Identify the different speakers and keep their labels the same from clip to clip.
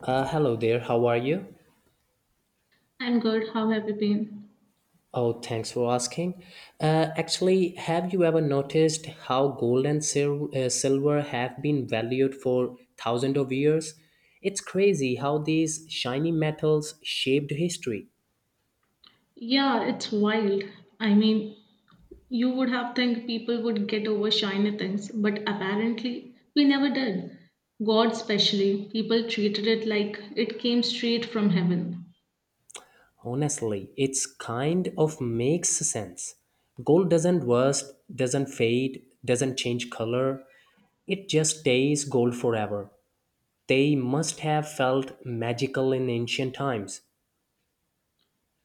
Speaker 1: Hello there, how are you?
Speaker 2: I'm good. How have you been?
Speaker 1: Oh, thanks for asking. Actually, have you ever noticed how gold and silver have been valued for thousands of years? It's crazy how these shiny metals shaped history.
Speaker 2: Yeah, it's wild. I mean, you would have think people would get over shiny things, but apparently we never did. God especially, people treated it like it came straight from heaven.
Speaker 1: Honestly, it's kind of makes sense. Gold doesn't rust, doesn't fade, doesn't change color. It just stays gold forever. They must have felt magical in ancient times.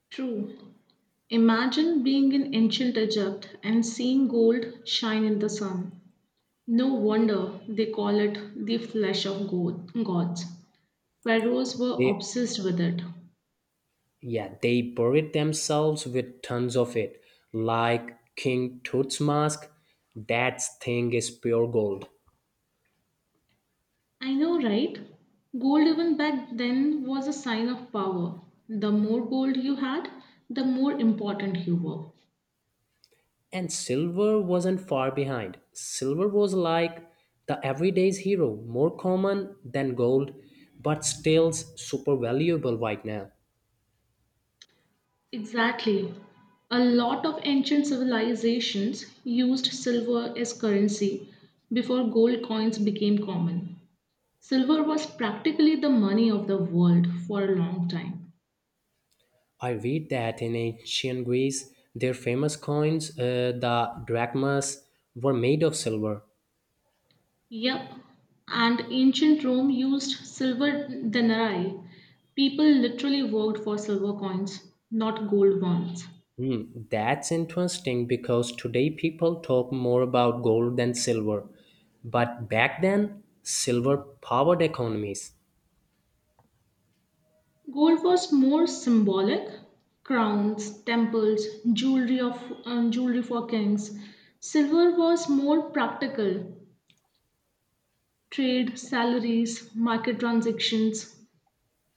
Speaker 2: True. Imagine being in ancient Egypt and seeing gold shine in the sun. No wonder they call it the flesh of god- gods. Pharaohs were
Speaker 1: They
Speaker 2: obsessed with it.
Speaker 1: Yeah, they buried themselves with tons of it, like King Tut's mask. That thing is pure gold.
Speaker 2: I know, right? Gold, even back then, was a sign of power. The more gold you had, the more important you were.
Speaker 1: And silver wasn't far behind. Silver was like the everyday's hero, more common than gold, but still super valuable right now.
Speaker 2: Exactly. A lot of ancient civilizations used silver as currency before gold coins became common. Silver was practically the money of the world for a long time.
Speaker 1: I read that in ancient Greece, their famous coins, the drachmas, were made of silver.
Speaker 2: Yep, and ancient Rome used silver denarii. People literally worked for silver coins, not gold ones.
Speaker 1: Hmm, that's interesting because today people talk more about gold than silver. But back then, silver powered economies.
Speaker 2: Gold was more symbolic. Crowns, temples, jewelry of jewelry for kings. Silver was more practical. Trade, salaries, market transactions,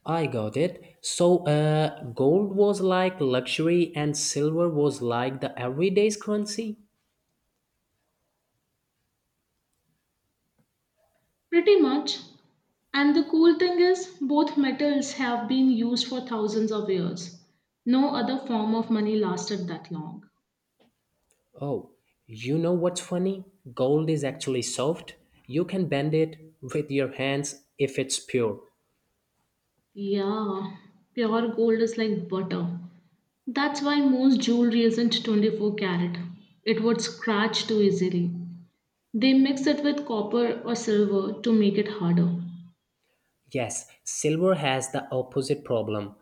Speaker 1: I got it. So, gold was like luxury and silver was like the everyday's currency?
Speaker 2: pretty much. And the cool thing is, both metals have been used for thousands of years. No other form of money lasted that long.
Speaker 1: Oh, you know what's funny? Gold is actually soft. You can bend it with your hands if it's pure.
Speaker 2: Yeah, pure gold is like butter. That's why most jewelry isn't 24 carat. It would scratch too easily. They mix it with copper or silver to make it harder.
Speaker 1: Yes, silver has the opposite problem.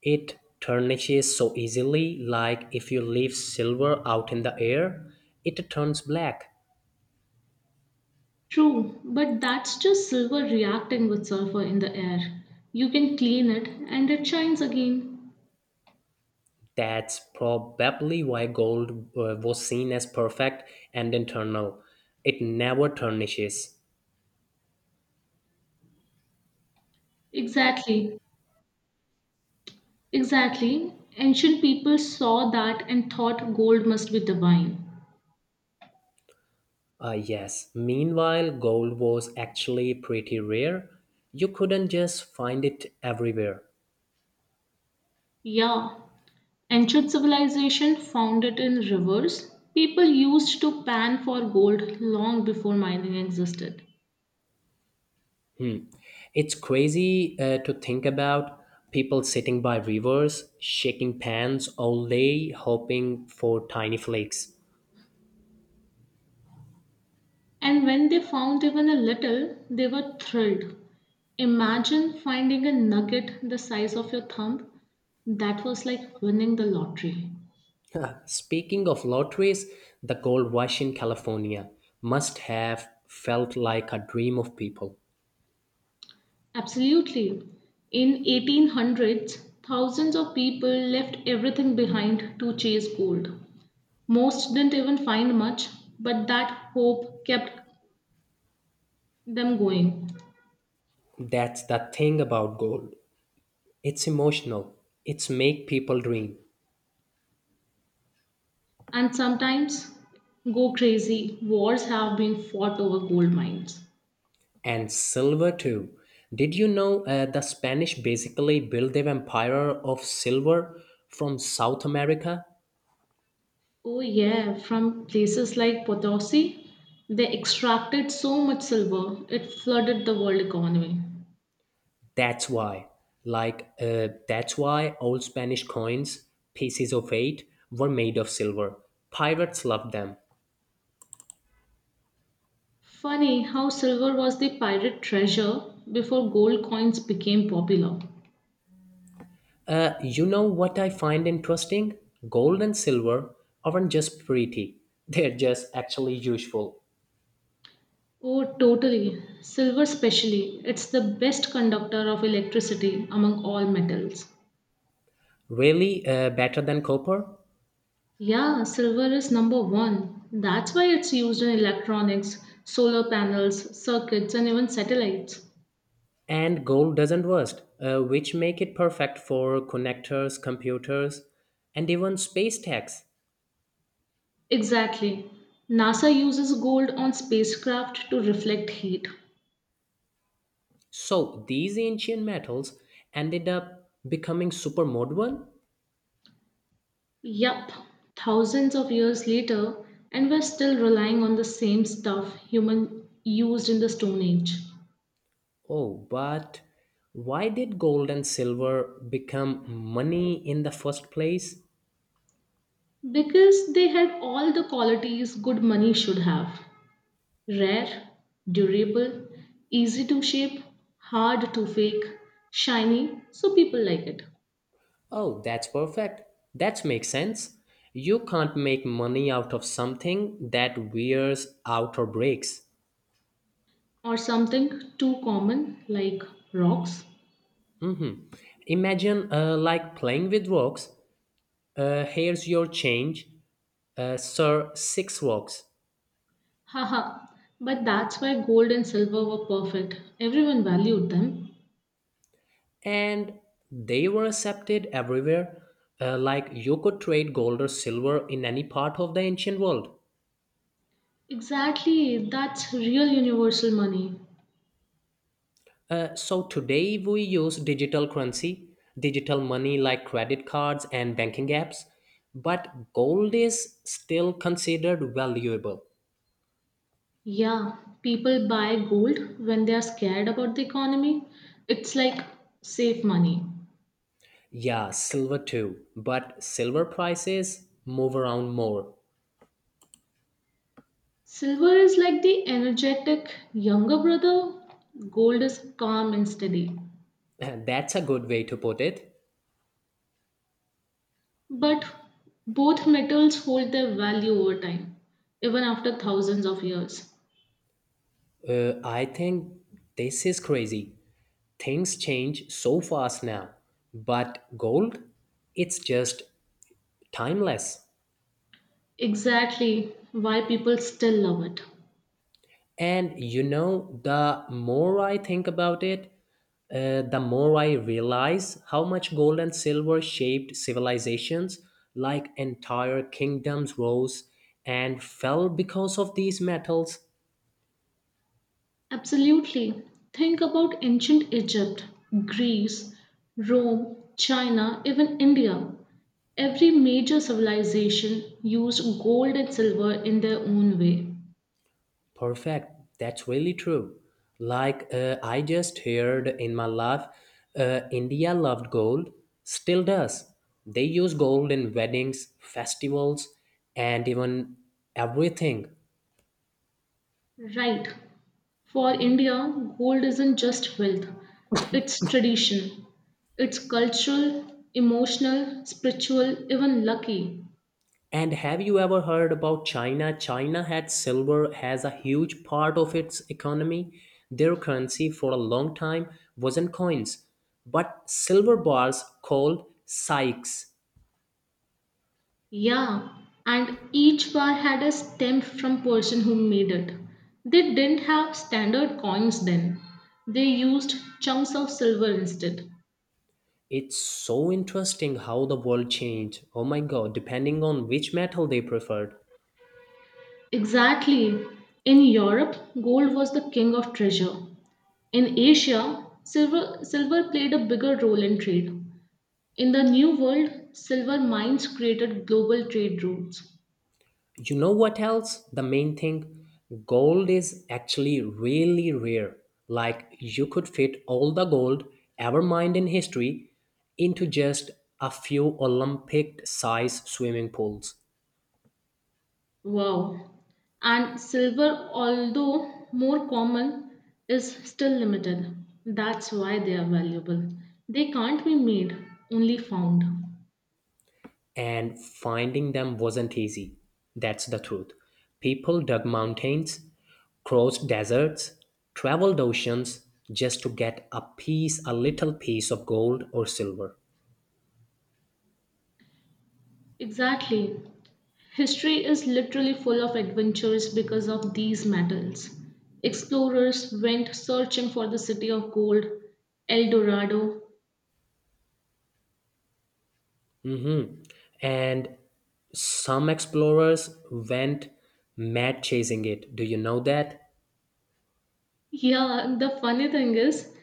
Speaker 1: It tarnishes so easily, like if you leave silver out in the air, it turns black.
Speaker 2: True, but that's just silver reacting with sulfur in the air. You can clean it and it shines again.
Speaker 1: That's probably why gold was seen as perfect and eternal. It never tarnishes.
Speaker 2: Exactly, exactly. Ancient people saw that and thought gold must be divine.
Speaker 1: Ah, yes. Meanwhile, gold was actually pretty rare. You couldn't just find it everywhere.
Speaker 2: Yeah, ancient civilization found it in rivers. People used to pan for gold long before mining existed.
Speaker 1: Hmm. It's crazy to think about people sitting by rivers, shaking pans all day, hoping for tiny flakes.
Speaker 2: And when they found even a little, they were thrilled. Imagine finding a nugget the size of your thumb. That was like winning the lottery.
Speaker 1: Speaking of lotteries, the gold rush in California must have felt like a dream of people.
Speaker 2: Absolutely. In 1800s, thousands of people left everything behind to chase gold. Most didn't even find much, but that hope kept them going.
Speaker 1: That's the thing about gold. It's emotional. It's make people dream.
Speaker 2: And sometimes, go crazy, wars have been fought over gold mines.
Speaker 1: And silver too. Did you know the Spanish basically built their empire of silver from South America?
Speaker 2: Oh, yeah, from places like Potosi, they extracted so much silver, it flooded the world economy.
Speaker 1: That's why, that's why old Spanish coins, pieces of eight, were made of silver. Pirates loved them.
Speaker 2: Funny how silver was the pirate treasure before gold coins became popular.
Speaker 1: You know what I find interesting? Gold and silver aren't just pretty, they're just actually useful.
Speaker 2: Oh, totally. Silver, specially, it's the best conductor of electricity among all metals.
Speaker 1: Really, better than copper?
Speaker 2: Yeah, silver is number one. That's why it's used in electronics, solar panels, circuits, and even satellites.
Speaker 1: And gold doesn't rust, which make it perfect for connectors, computers, and even space tags.
Speaker 2: Exactly. NASA uses gold on spacecraft to reflect heat.
Speaker 1: So these ancient metals ended up becoming super modern.
Speaker 2: Yup, thousands of years later, and we're still relying on the same stuff human used in the Stone Age.
Speaker 1: Oh, but why did gold and silver become money in the first place?
Speaker 2: Because they had all the qualities good money should have. Rare, durable, easy to shape, hard to fake, shiny, so people like it.
Speaker 1: Oh, that's perfect. That makes sense. You can't make money out of something that wears out or breaks.
Speaker 2: Or something too common like rocks.
Speaker 1: Mhm. Imagine like playing with rocks. Here's your change, sir, six rocks.
Speaker 2: Haha, but that's why gold and silver were perfect. Everyone valued them.
Speaker 1: And they were accepted everywhere. Like you could trade gold or silver in any part of the ancient world.
Speaker 2: Exactly, that's real universal money.
Speaker 1: So today we use digital currency, digital money like credit cards and banking apps, but gold is still considered valuable.
Speaker 2: Yeah, people buy gold when they are scared about the economy. It's like safe money.
Speaker 1: Yeah, silver too, but silver prices move around more.
Speaker 2: Silver is like the energetic younger brother, gold is calm and steady.
Speaker 1: That's a good way to put it.
Speaker 2: But both metals hold their value over time, even after thousands of years.
Speaker 1: I think this is crazy. Things change so fast now, but gold, it's just timeless.
Speaker 2: Exactly why people still love it.
Speaker 1: And you know, the more I think about it, the more I realize how much gold and silver shaped civilizations, like entire kingdoms, rose and fell because of these metals.
Speaker 2: Absolutely. Think about ancient Egypt, Greece, Rome, China, even India. Every major civilization used gold and silver in their own way.
Speaker 1: Perfect. That's really true. Like, I just heard in my life, India loved gold, still does. They use gold in weddings, festivals, and even everything.
Speaker 2: Right. For India, gold isn't just wealth, it's tradition. It's cultural, emotional, spiritual, even lucky.
Speaker 1: And have you ever heard about China? China had silver as a huge part of its economy. Their currency for a long time wasn't coins, but silver bars called sykes.
Speaker 2: Yeah, and each bar had a stamp from person who made it. They didn't have standard coins then. They used chunks of silver instead.
Speaker 1: It's so interesting how the world changed. Oh my god, depending on which metal they preferred.
Speaker 2: Exactly. In Europe, gold was the king of treasure. In Asia, silver played a bigger role in trade. In the New World, silver mines created global trade routes.
Speaker 1: You know what else? The main thing, gold is actually really rare. Like, you could fit all the gold ever mined in history into just a few Olympic sized swimming pools.
Speaker 2: Wow. And silver, although more common, is still limited. That's why they are valuable. They can't be made, only found.
Speaker 1: And finding them wasn't easy. That's the truth. People dug mountains, crossed deserts, traveled oceans just to get a piece, a little piece of gold or silver.
Speaker 2: Exactly. History is literally full of adventures because of these metals. Explorers went searching for the city of gold, El Dorado.
Speaker 1: Mm-hmm. And some explorers went mad chasing it. Do you know that?
Speaker 2: Yeah, the funny thing is,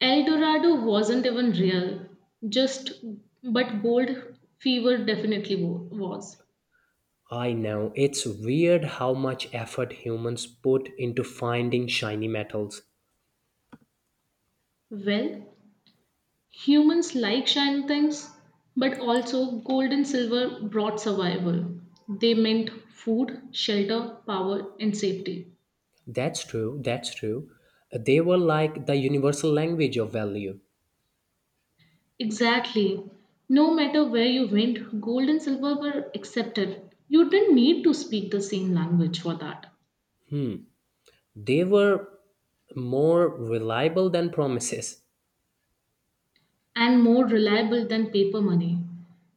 Speaker 2: El Dorado wasn't even real, just but gold fever definitely was.
Speaker 1: I know. It's weird how much effort humans put into finding shiny metals.
Speaker 2: Well, humans like shiny things, but also gold and silver brought survival. They meant food, shelter, power, and safety.
Speaker 1: That's true. That's true. They were like the universal language of value.
Speaker 2: Exactly. No matter where you went, gold and silver were accepted. You didn't need to speak the same language for that.
Speaker 1: They were more reliable than promises.
Speaker 2: And more reliable than paper money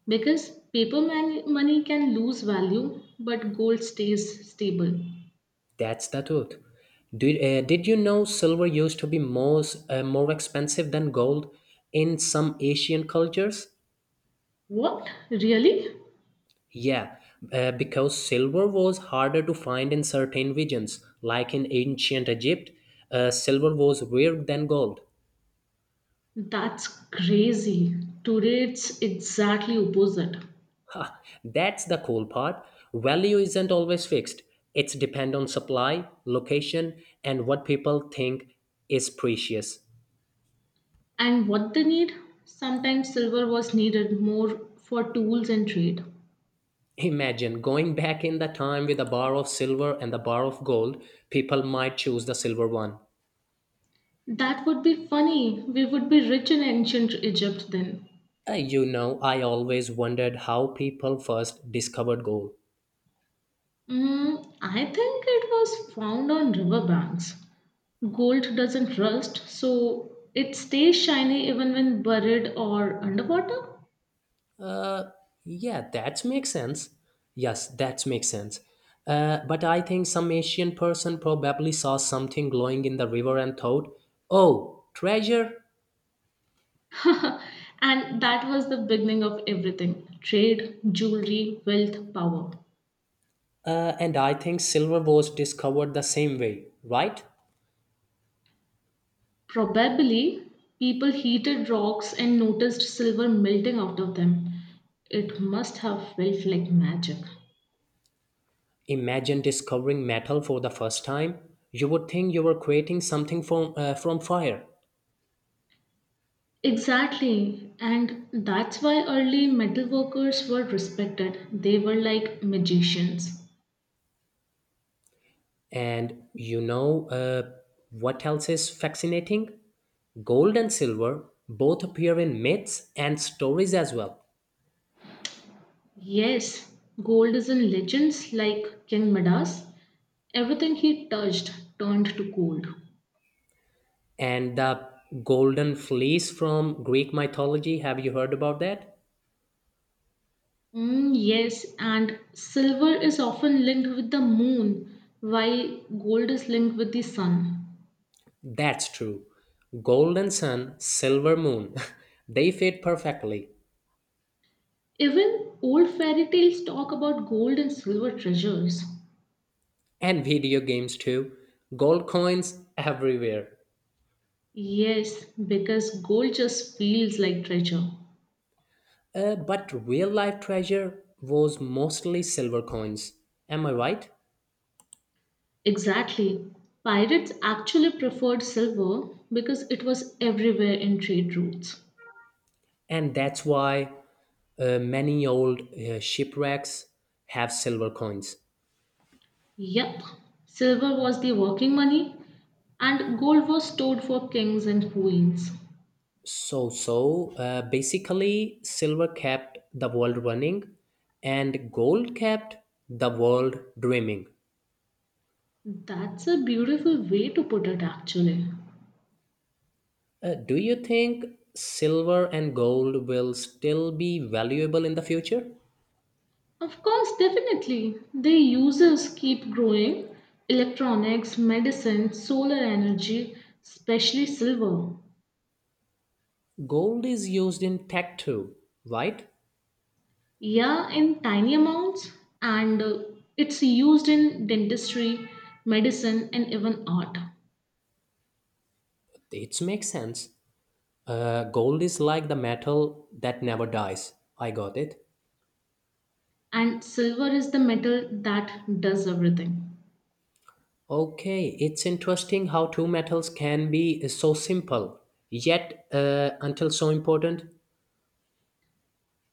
Speaker 2: because money can lose value but gold stays stable.
Speaker 1: That's the truth. Did you know silver used to be more expensive than gold in some Asian cultures?
Speaker 2: What? Really?
Speaker 1: Yeah, because silver was harder to find in certain regions, like in ancient Egypt, silver was rarer than gold.
Speaker 2: That's crazy. Today it's exactly opposite.
Speaker 1: That's the cool part. Value isn't always fixed. It's depend on supply, location, and what people think is precious.
Speaker 2: And what they need? Sometimes silver was needed more for tools and trade.
Speaker 1: Imagine going back in the time with a bar of silver and a bar of gold. People might choose the silver one.
Speaker 2: That would be funny. We would be rich in ancient Egypt then.
Speaker 1: You know, I always wondered how people first discovered gold.
Speaker 2: Mm, I think it was found on riverbanks. Gold doesn't rust, so it stays shiny even when buried or underwater.
Speaker 1: Uh, yeah, that makes sense. Yes, that makes sense. But I think some Asian person probably saw something glowing in the river and thought, oh, treasure.
Speaker 2: And that was the beginning of everything trade, jewelry, wealth, power.
Speaker 1: And I think silver was discovered the same way, right?
Speaker 2: Probably people heated rocks and noticed silver melting out of them. It must have felt like magic.
Speaker 1: Imagine discovering metal for the first time. You would think you were creating something from fire.
Speaker 2: Exactly, and that's why early metal workers were respected. They were like magicians.
Speaker 1: And you know what else is fascinating? Gold and silver both appear in myths and stories as well.
Speaker 2: Yes, gold is in legends like King Midas. Everything he touched turned to gold.
Speaker 1: And the golden fleece from Greek mythology, have you heard about that?
Speaker 2: Mm, yes, and silver is often linked with the moon, while gold is linked with the sun.
Speaker 1: That's true. Golden sun, silver moon, they fit perfectly.
Speaker 2: Even old fairy tales talk about gold and silver treasures.
Speaker 1: And video games too, gold coins everywhere.
Speaker 2: Yes, because gold just feels like treasure.
Speaker 1: But real life treasure was mostly silver coins, am I right?
Speaker 2: Exactly. Pirates actually preferred silver because it was everywhere in trade routes.
Speaker 1: And that's why many old shipwrecks have silver coins.
Speaker 2: Yep, silver was the working money and gold was stored for kings and queens.
Speaker 1: So, basically, silver kept the world running and gold kept the world dreaming.
Speaker 2: That's a beautiful way to put it, actually.
Speaker 1: Do you think silver and gold will still be valuable in the future?
Speaker 2: Of course, definitely. The uses keep growing electronics, medicine, solar energy, especially silver.
Speaker 1: Gold is used in tech too, right?
Speaker 2: Yeah, in tiny amounts, and it's used in dentistry, medicine, and even art.
Speaker 1: It makes sense. Gold is like the metal that never dies. I got it.
Speaker 2: And silver is the metal that does everything.
Speaker 1: Okay, it's interesting how two metals can be so simple, yet until so important.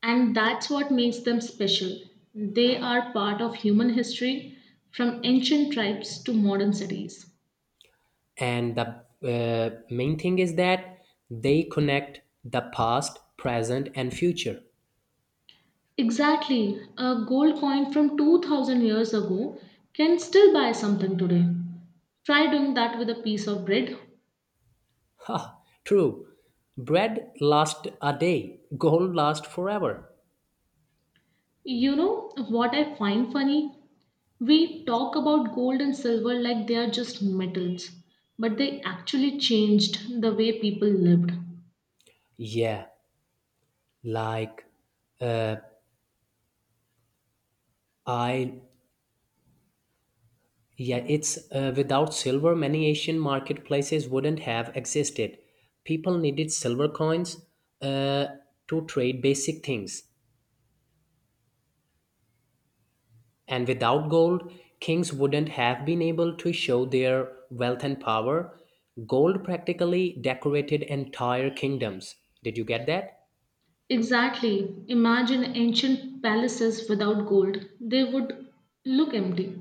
Speaker 2: And that's what makes them special. They are part of human history from ancient tribes to modern cities.
Speaker 1: And the main thing is that they connect the past, present and future.
Speaker 2: Exactly, a gold coin from 2000 years ago can still buy something today. Try doing that with a piece of bread.
Speaker 1: Ha, true, bread lasts a day, gold lasts forever.
Speaker 2: You know what I find funny? We talk about gold and silver like they are just metals, but they actually changed the way people lived.
Speaker 1: Yeah, like, I, yeah, it's without silver many Asian marketplaces wouldn't have existed. People needed silver coins, uh, to trade basic things. And without gold, kings wouldn't have been able to show their wealth and power. Gold practically decorated entire kingdoms. Did you get that?
Speaker 2: Exactly. Imagine ancient palaces without gold. They would look empty.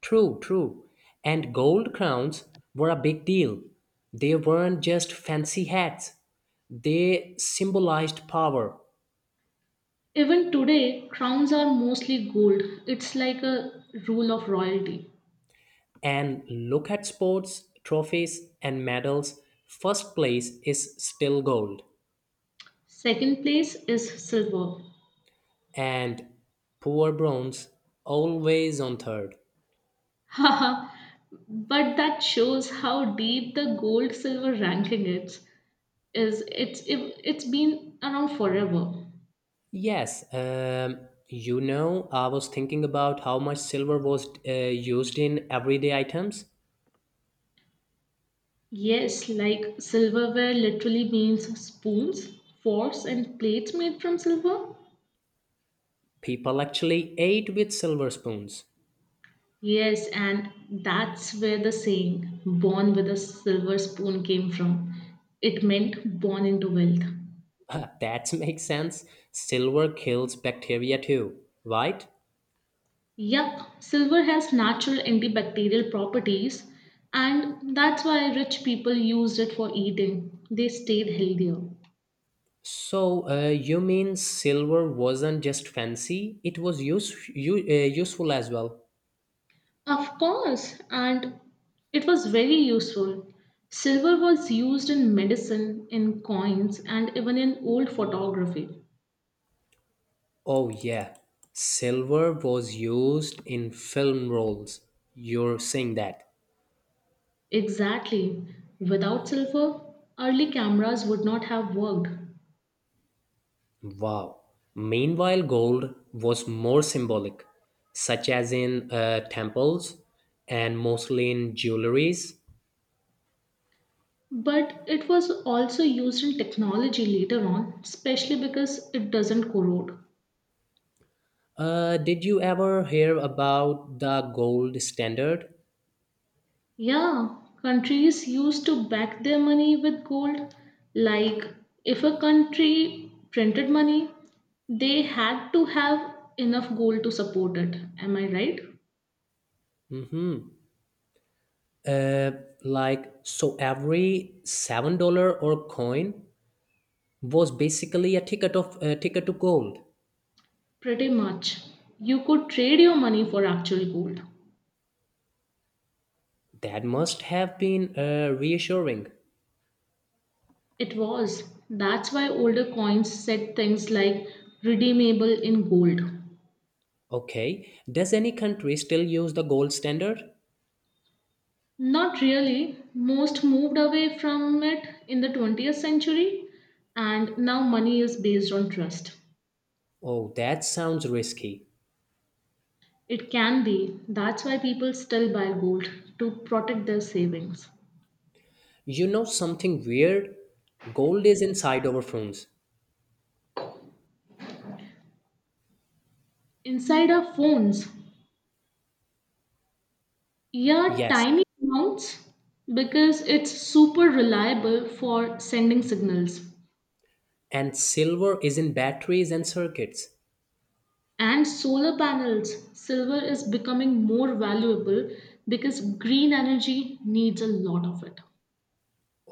Speaker 1: True, true. And gold crowns were a big deal. They weren't just fancy hats, they symbolized power.
Speaker 2: Even today, crowns are mostly gold. It's like a rule of royalty.
Speaker 1: And look at sports, trophies, and medals. First place is still gold,
Speaker 2: Second place is silver.
Speaker 1: and poor bronze always on third.
Speaker 2: Haha. But that shows how deep the gold silver ranking is. It's been around forever.
Speaker 1: Yes, you know, I was thinking about how much silver was used in everyday items.
Speaker 2: Yes, like silverware literally means spoons, forks and plates made from silver.
Speaker 1: People actually ate with silver spoons.
Speaker 2: Yes, and that's where the saying born with a silver spoon came from. It meant born into wealth.
Speaker 1: That makes sense. Silver kills bacteria too, right?
Speaker 2: Yup, silver has natural antibacterial properties, and that's why rich people used it for eating. They stayed healthier.
Speaker 1: So, you mean silver wasn't just fancy, it was useful as well?
Speaker 2: Of course, and it was very useful. Silver was used in medicine, in coins, and even in old photography.
Speaker 1: Oh, yeah. Silver was used in film rolls. You're saying that.
Speaker 2: Exactly. Without silver, early cameras would not have worked.
Speaker 1: Wow. Meanwhile, gold was more symbolic, such as in temples and mostly in jewelries.
Speaker 2: But it was also used in technology later on, especially because it doesn't corrode.
Speaker 1: Did you ever hear about the gold standard?
Speaker 2: Yeah, countries used to back their money with gold. Like, if a country printed money, they had to have enough gold to support it. Am I right?
Speaker 1: Mm-hmm. Uh, so every $7 or coin was basically a ticket to gold.
Speaker 2: Pretty much. You could trade your money for actual gold.
Speaker 1: That must have been reassuring.
Speaker 2: It was. That's why older coins said things like redeemable in gold.
Speaker 1: Okay, does any country still use the gold standard?
Speaker 2: Not really. Most moved away from it in the 20th century, and now money is based on trust.
Speaker 1: Oh, that sounds risky.
Speaker 2: It can be. That's why people still buy gold to protect their savings.
Speaker 1: You know something weird? Gold is inside our phones.
Speaker 2: Inside our phones, yeah,
Speaker 1: Yes.
Speaker 2: tiny amounts because it's super reliable for sending signals.
Speaker 1: And silver is in batteries and circuits.
Speaker 2: And solar panels, silver is becoming more valuable because green energy needs a lot of it.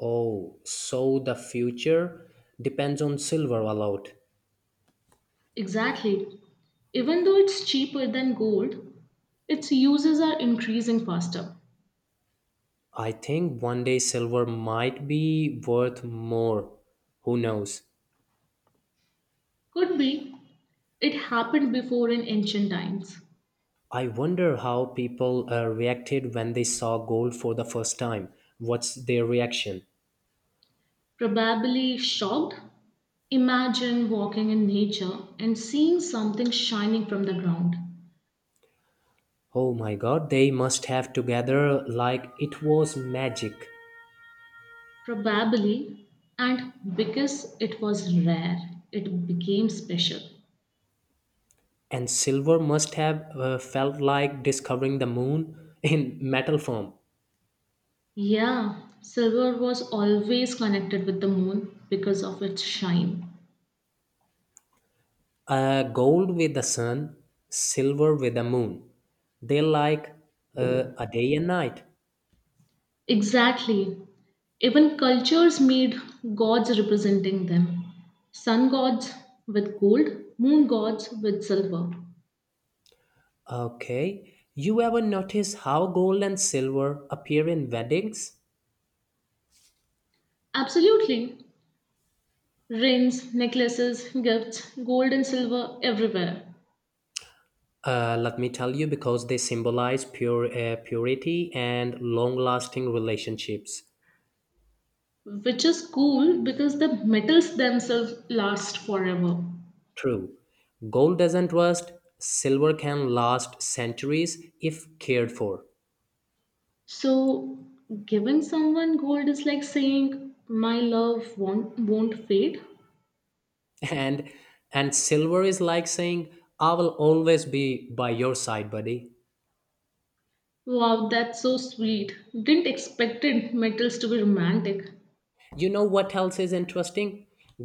Speaker 1: Oh, so the future depends on silver a lot.
Speaker 2: Exactly. Even though it's cheaper than gold, its uses are increasing faster.
Speaker 1: I think one day silver might be worth more. Who knows?
Speaker 2: Could be it happened before in ancient times.
Speaker 1: I wonder how people reacted when they saw gold for the first time. What's their reaction?
Speaker 2: Probably shocked? Imagine walking in nature and seeing something shining from the ground.
Speaker 1: Oh my god, they must have together like it was magic.
Speaker 2: Probably, and because it was rare, it became special.
Speaker 1: And silver must have felt like discovering the moon in metal form.
Speaker 2: Yeah, silver was always connected with the moon because of its shine.
Speaker 1: Gold with the sun, silver with the moon. They like a day and night.
Speaker 2: Exactly. Even cultures made gods representing them sun gods with gold, moon gods with silver.
Speaker 1: Okay. You ever notice how gold and silver appear in weddings?
Speaker 2: Absolutely. Rings, necklaces, gifts, gold and silver everywhere.
Speaker 1: Let me tell you, because they symbolize pure purity and long-lasting relationships.
Speaker 2: Which is cool because the metals themselves last forever.
Speaker 1: True, gold doesn't rust. Silver can last centuries if cared for.
Speaker 2: So, giving someone gold is like saying, My love won't fade.
Speaker 1: and and silver is like saying, I will always be by your side, buddy.
Speaker 2: Wow, that's so sweet. Didn't expect it, metals to be romantic.
Speaker 1: You know what else is interesting?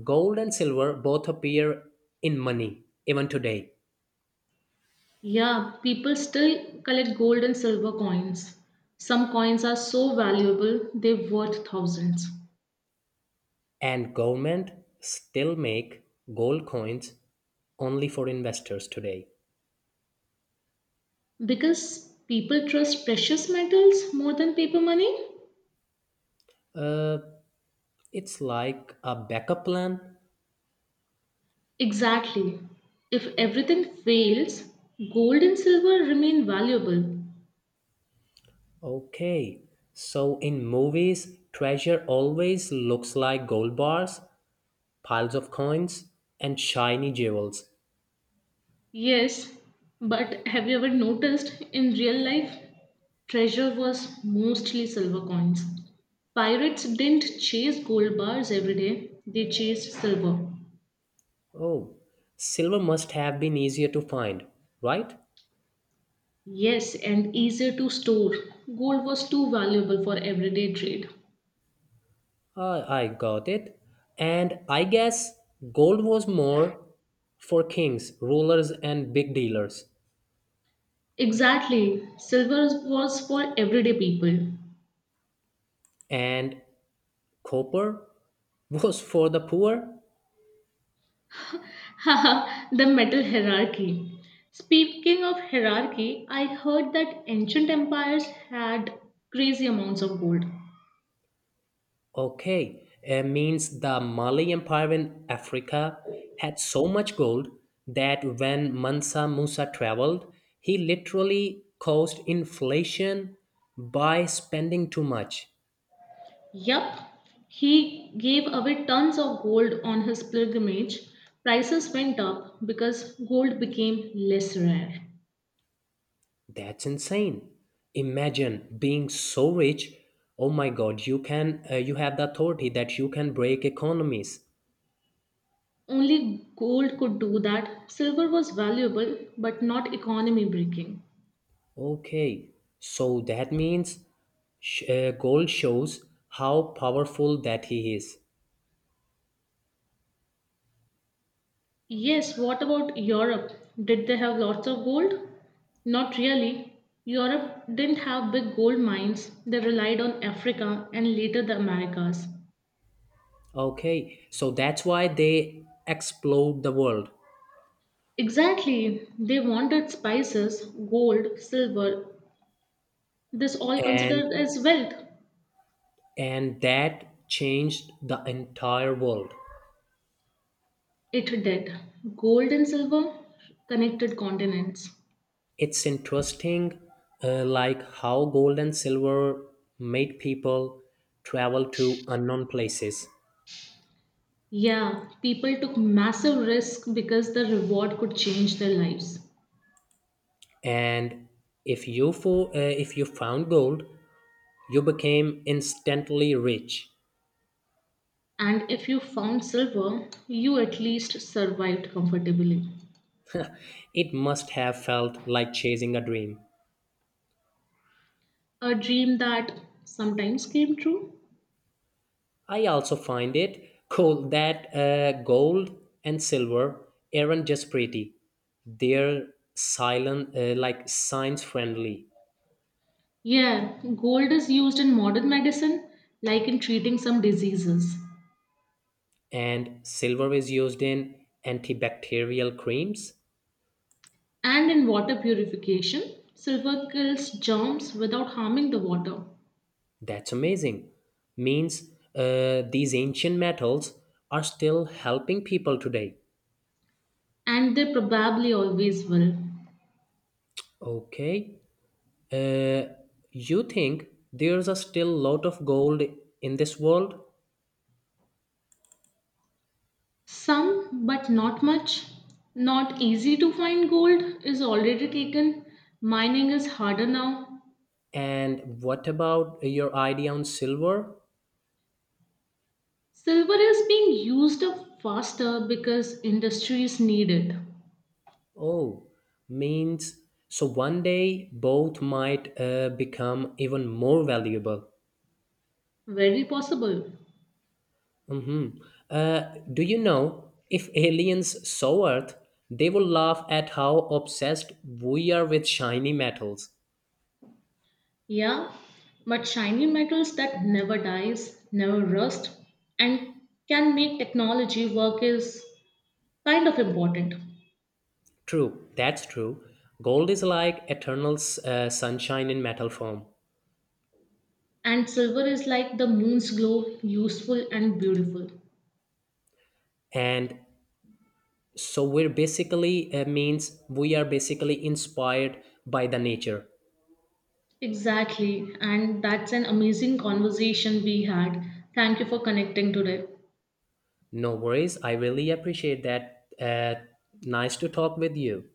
Speaker 1: Gold and silver both appear in money even today.
Speaker 2: Yeah, people still collect gold and silver coins. Some coins are so valuable, they're worth thousands.
Speaker 1: And government still make gold coins only for investors today.
Speaker 2: Because people trust precious metals more than paper money?
Speaker 1: uh, it's like a backup plan.
Speaker 2: Exactly. If everything fails, gold and silver remain valuable.
Speaker 1: Okay, so in movies treasure always looks like gold bars, piles of coins and shiny jewels.
Speaker 2: Yes, but have you ever noticed in real life, treasure was mostly silver coins. Pirates didn't chase gold bars every day, they chased silver.
Speaker 1: Oh, silver must have been easier to find, right?
Speaker 2: Yes, and easier to store. Gold was too valuable for everyday trade.
Speaker 1: I got it. And I guess gold was more for kings, rulers, and big dealers.
Speaker 2: Exactly, silver was for everyday people.
Speaker 1: And copper was for the poor?
Speaker 2: Haha, the metal hierarchy. Speaking of hierarchy, I heard that ancient empires had crazy amounts of gold.
Speaker 1: Okay, it means the Mali Empire in Africa had so much gold that when Mansa Musa traveled, he literally caused inflation by spending too much.
Speaker 2: Yup, he gave away tons of gold on his pilgrimage. Prices went up because gold became less rare.
Speaker 1: That's insane. Imagine being so rich. Oh my god, you can you have the authority that you can break economies.
Speaker 2: Only gold could do that. Silver was valuable but not economy breaking.
Speaker 1: Okay. So that means gold shows how powerful that he is.
Speaker 2: Yes, what about Europe? Did they have lots of gold? Not really. Europe didn't have big gold mines, they relied on Africa and later the Americas.
Speaker 1: Okay. So that's why they explode the world.
Speaker 2: Exactly, they wanted spices, gold, silver, This all
Speaker 1: and
Speaker 2: considered as wealth.
Speaker 1: and that changed the entire world.
Speaker 2: It did. Gold and silver connected continents.
Speaker 1: It's interesting, like how gold and silver made people travel to unknown places.
Speaker 2: Yeah, people took massive risk because the reward could change their lives.
Speaker 1: And if you found gold, you became instantly rich.
Speaker 2: And if you found silver, you at least survived comfortably.
Speaker 1: It must have felt like chasing a dream.
Speaker 2: A dream that sometimes came true.
Speaker 1: I also find it cool that gold and silver aren't just pretty; they're silent, like science friendly.
Speaker 2: Yeah, gold is used in modern medicine, like in treating some diseases.
Speaker 1: And silver is used in antibacterial creams.
Speaker 2: And in water purification, silver kills germs without harming the water.
Speaker 1: That's amazing, means these ancient metals are still helping people today.
Speaker 2: And they probably always will.
Speaker 1: Okay, uh, you think there's a still lot of gold in this world?
Speaker 2: Some, but not much. Not easy to find gold is already taken. Mining is harder now.
Speaker 1: And what about your idea on silver?
Speaker 2: Silver is being used up faster because industries need it.
Speaker 1: Oh, means so one day both might become even more valuable.
Speaker 2: Very possible.
Speaker 1: Mhm. Uh, do you know if aliens saw Earth, they would laugh at how obsessed we are with shiny metals.
Speaker 2: Yeah, but shiny metals that never dies, never rust, and can make technology work is kind of important.
Speaker 1: True, that's true. Gold is like eternal sunshine in metal form,
Speaker 2: And silver is like the moon's glow, useful and beautiful.
Speaker 1: and so we're basically means we are basically inspired by the nature.
Speaker 2: Exactly. And that's an amazing conversation we had. Thank you for connecting today.
Speaker 1: No worries. I really appreciate that. Nice to talk with you.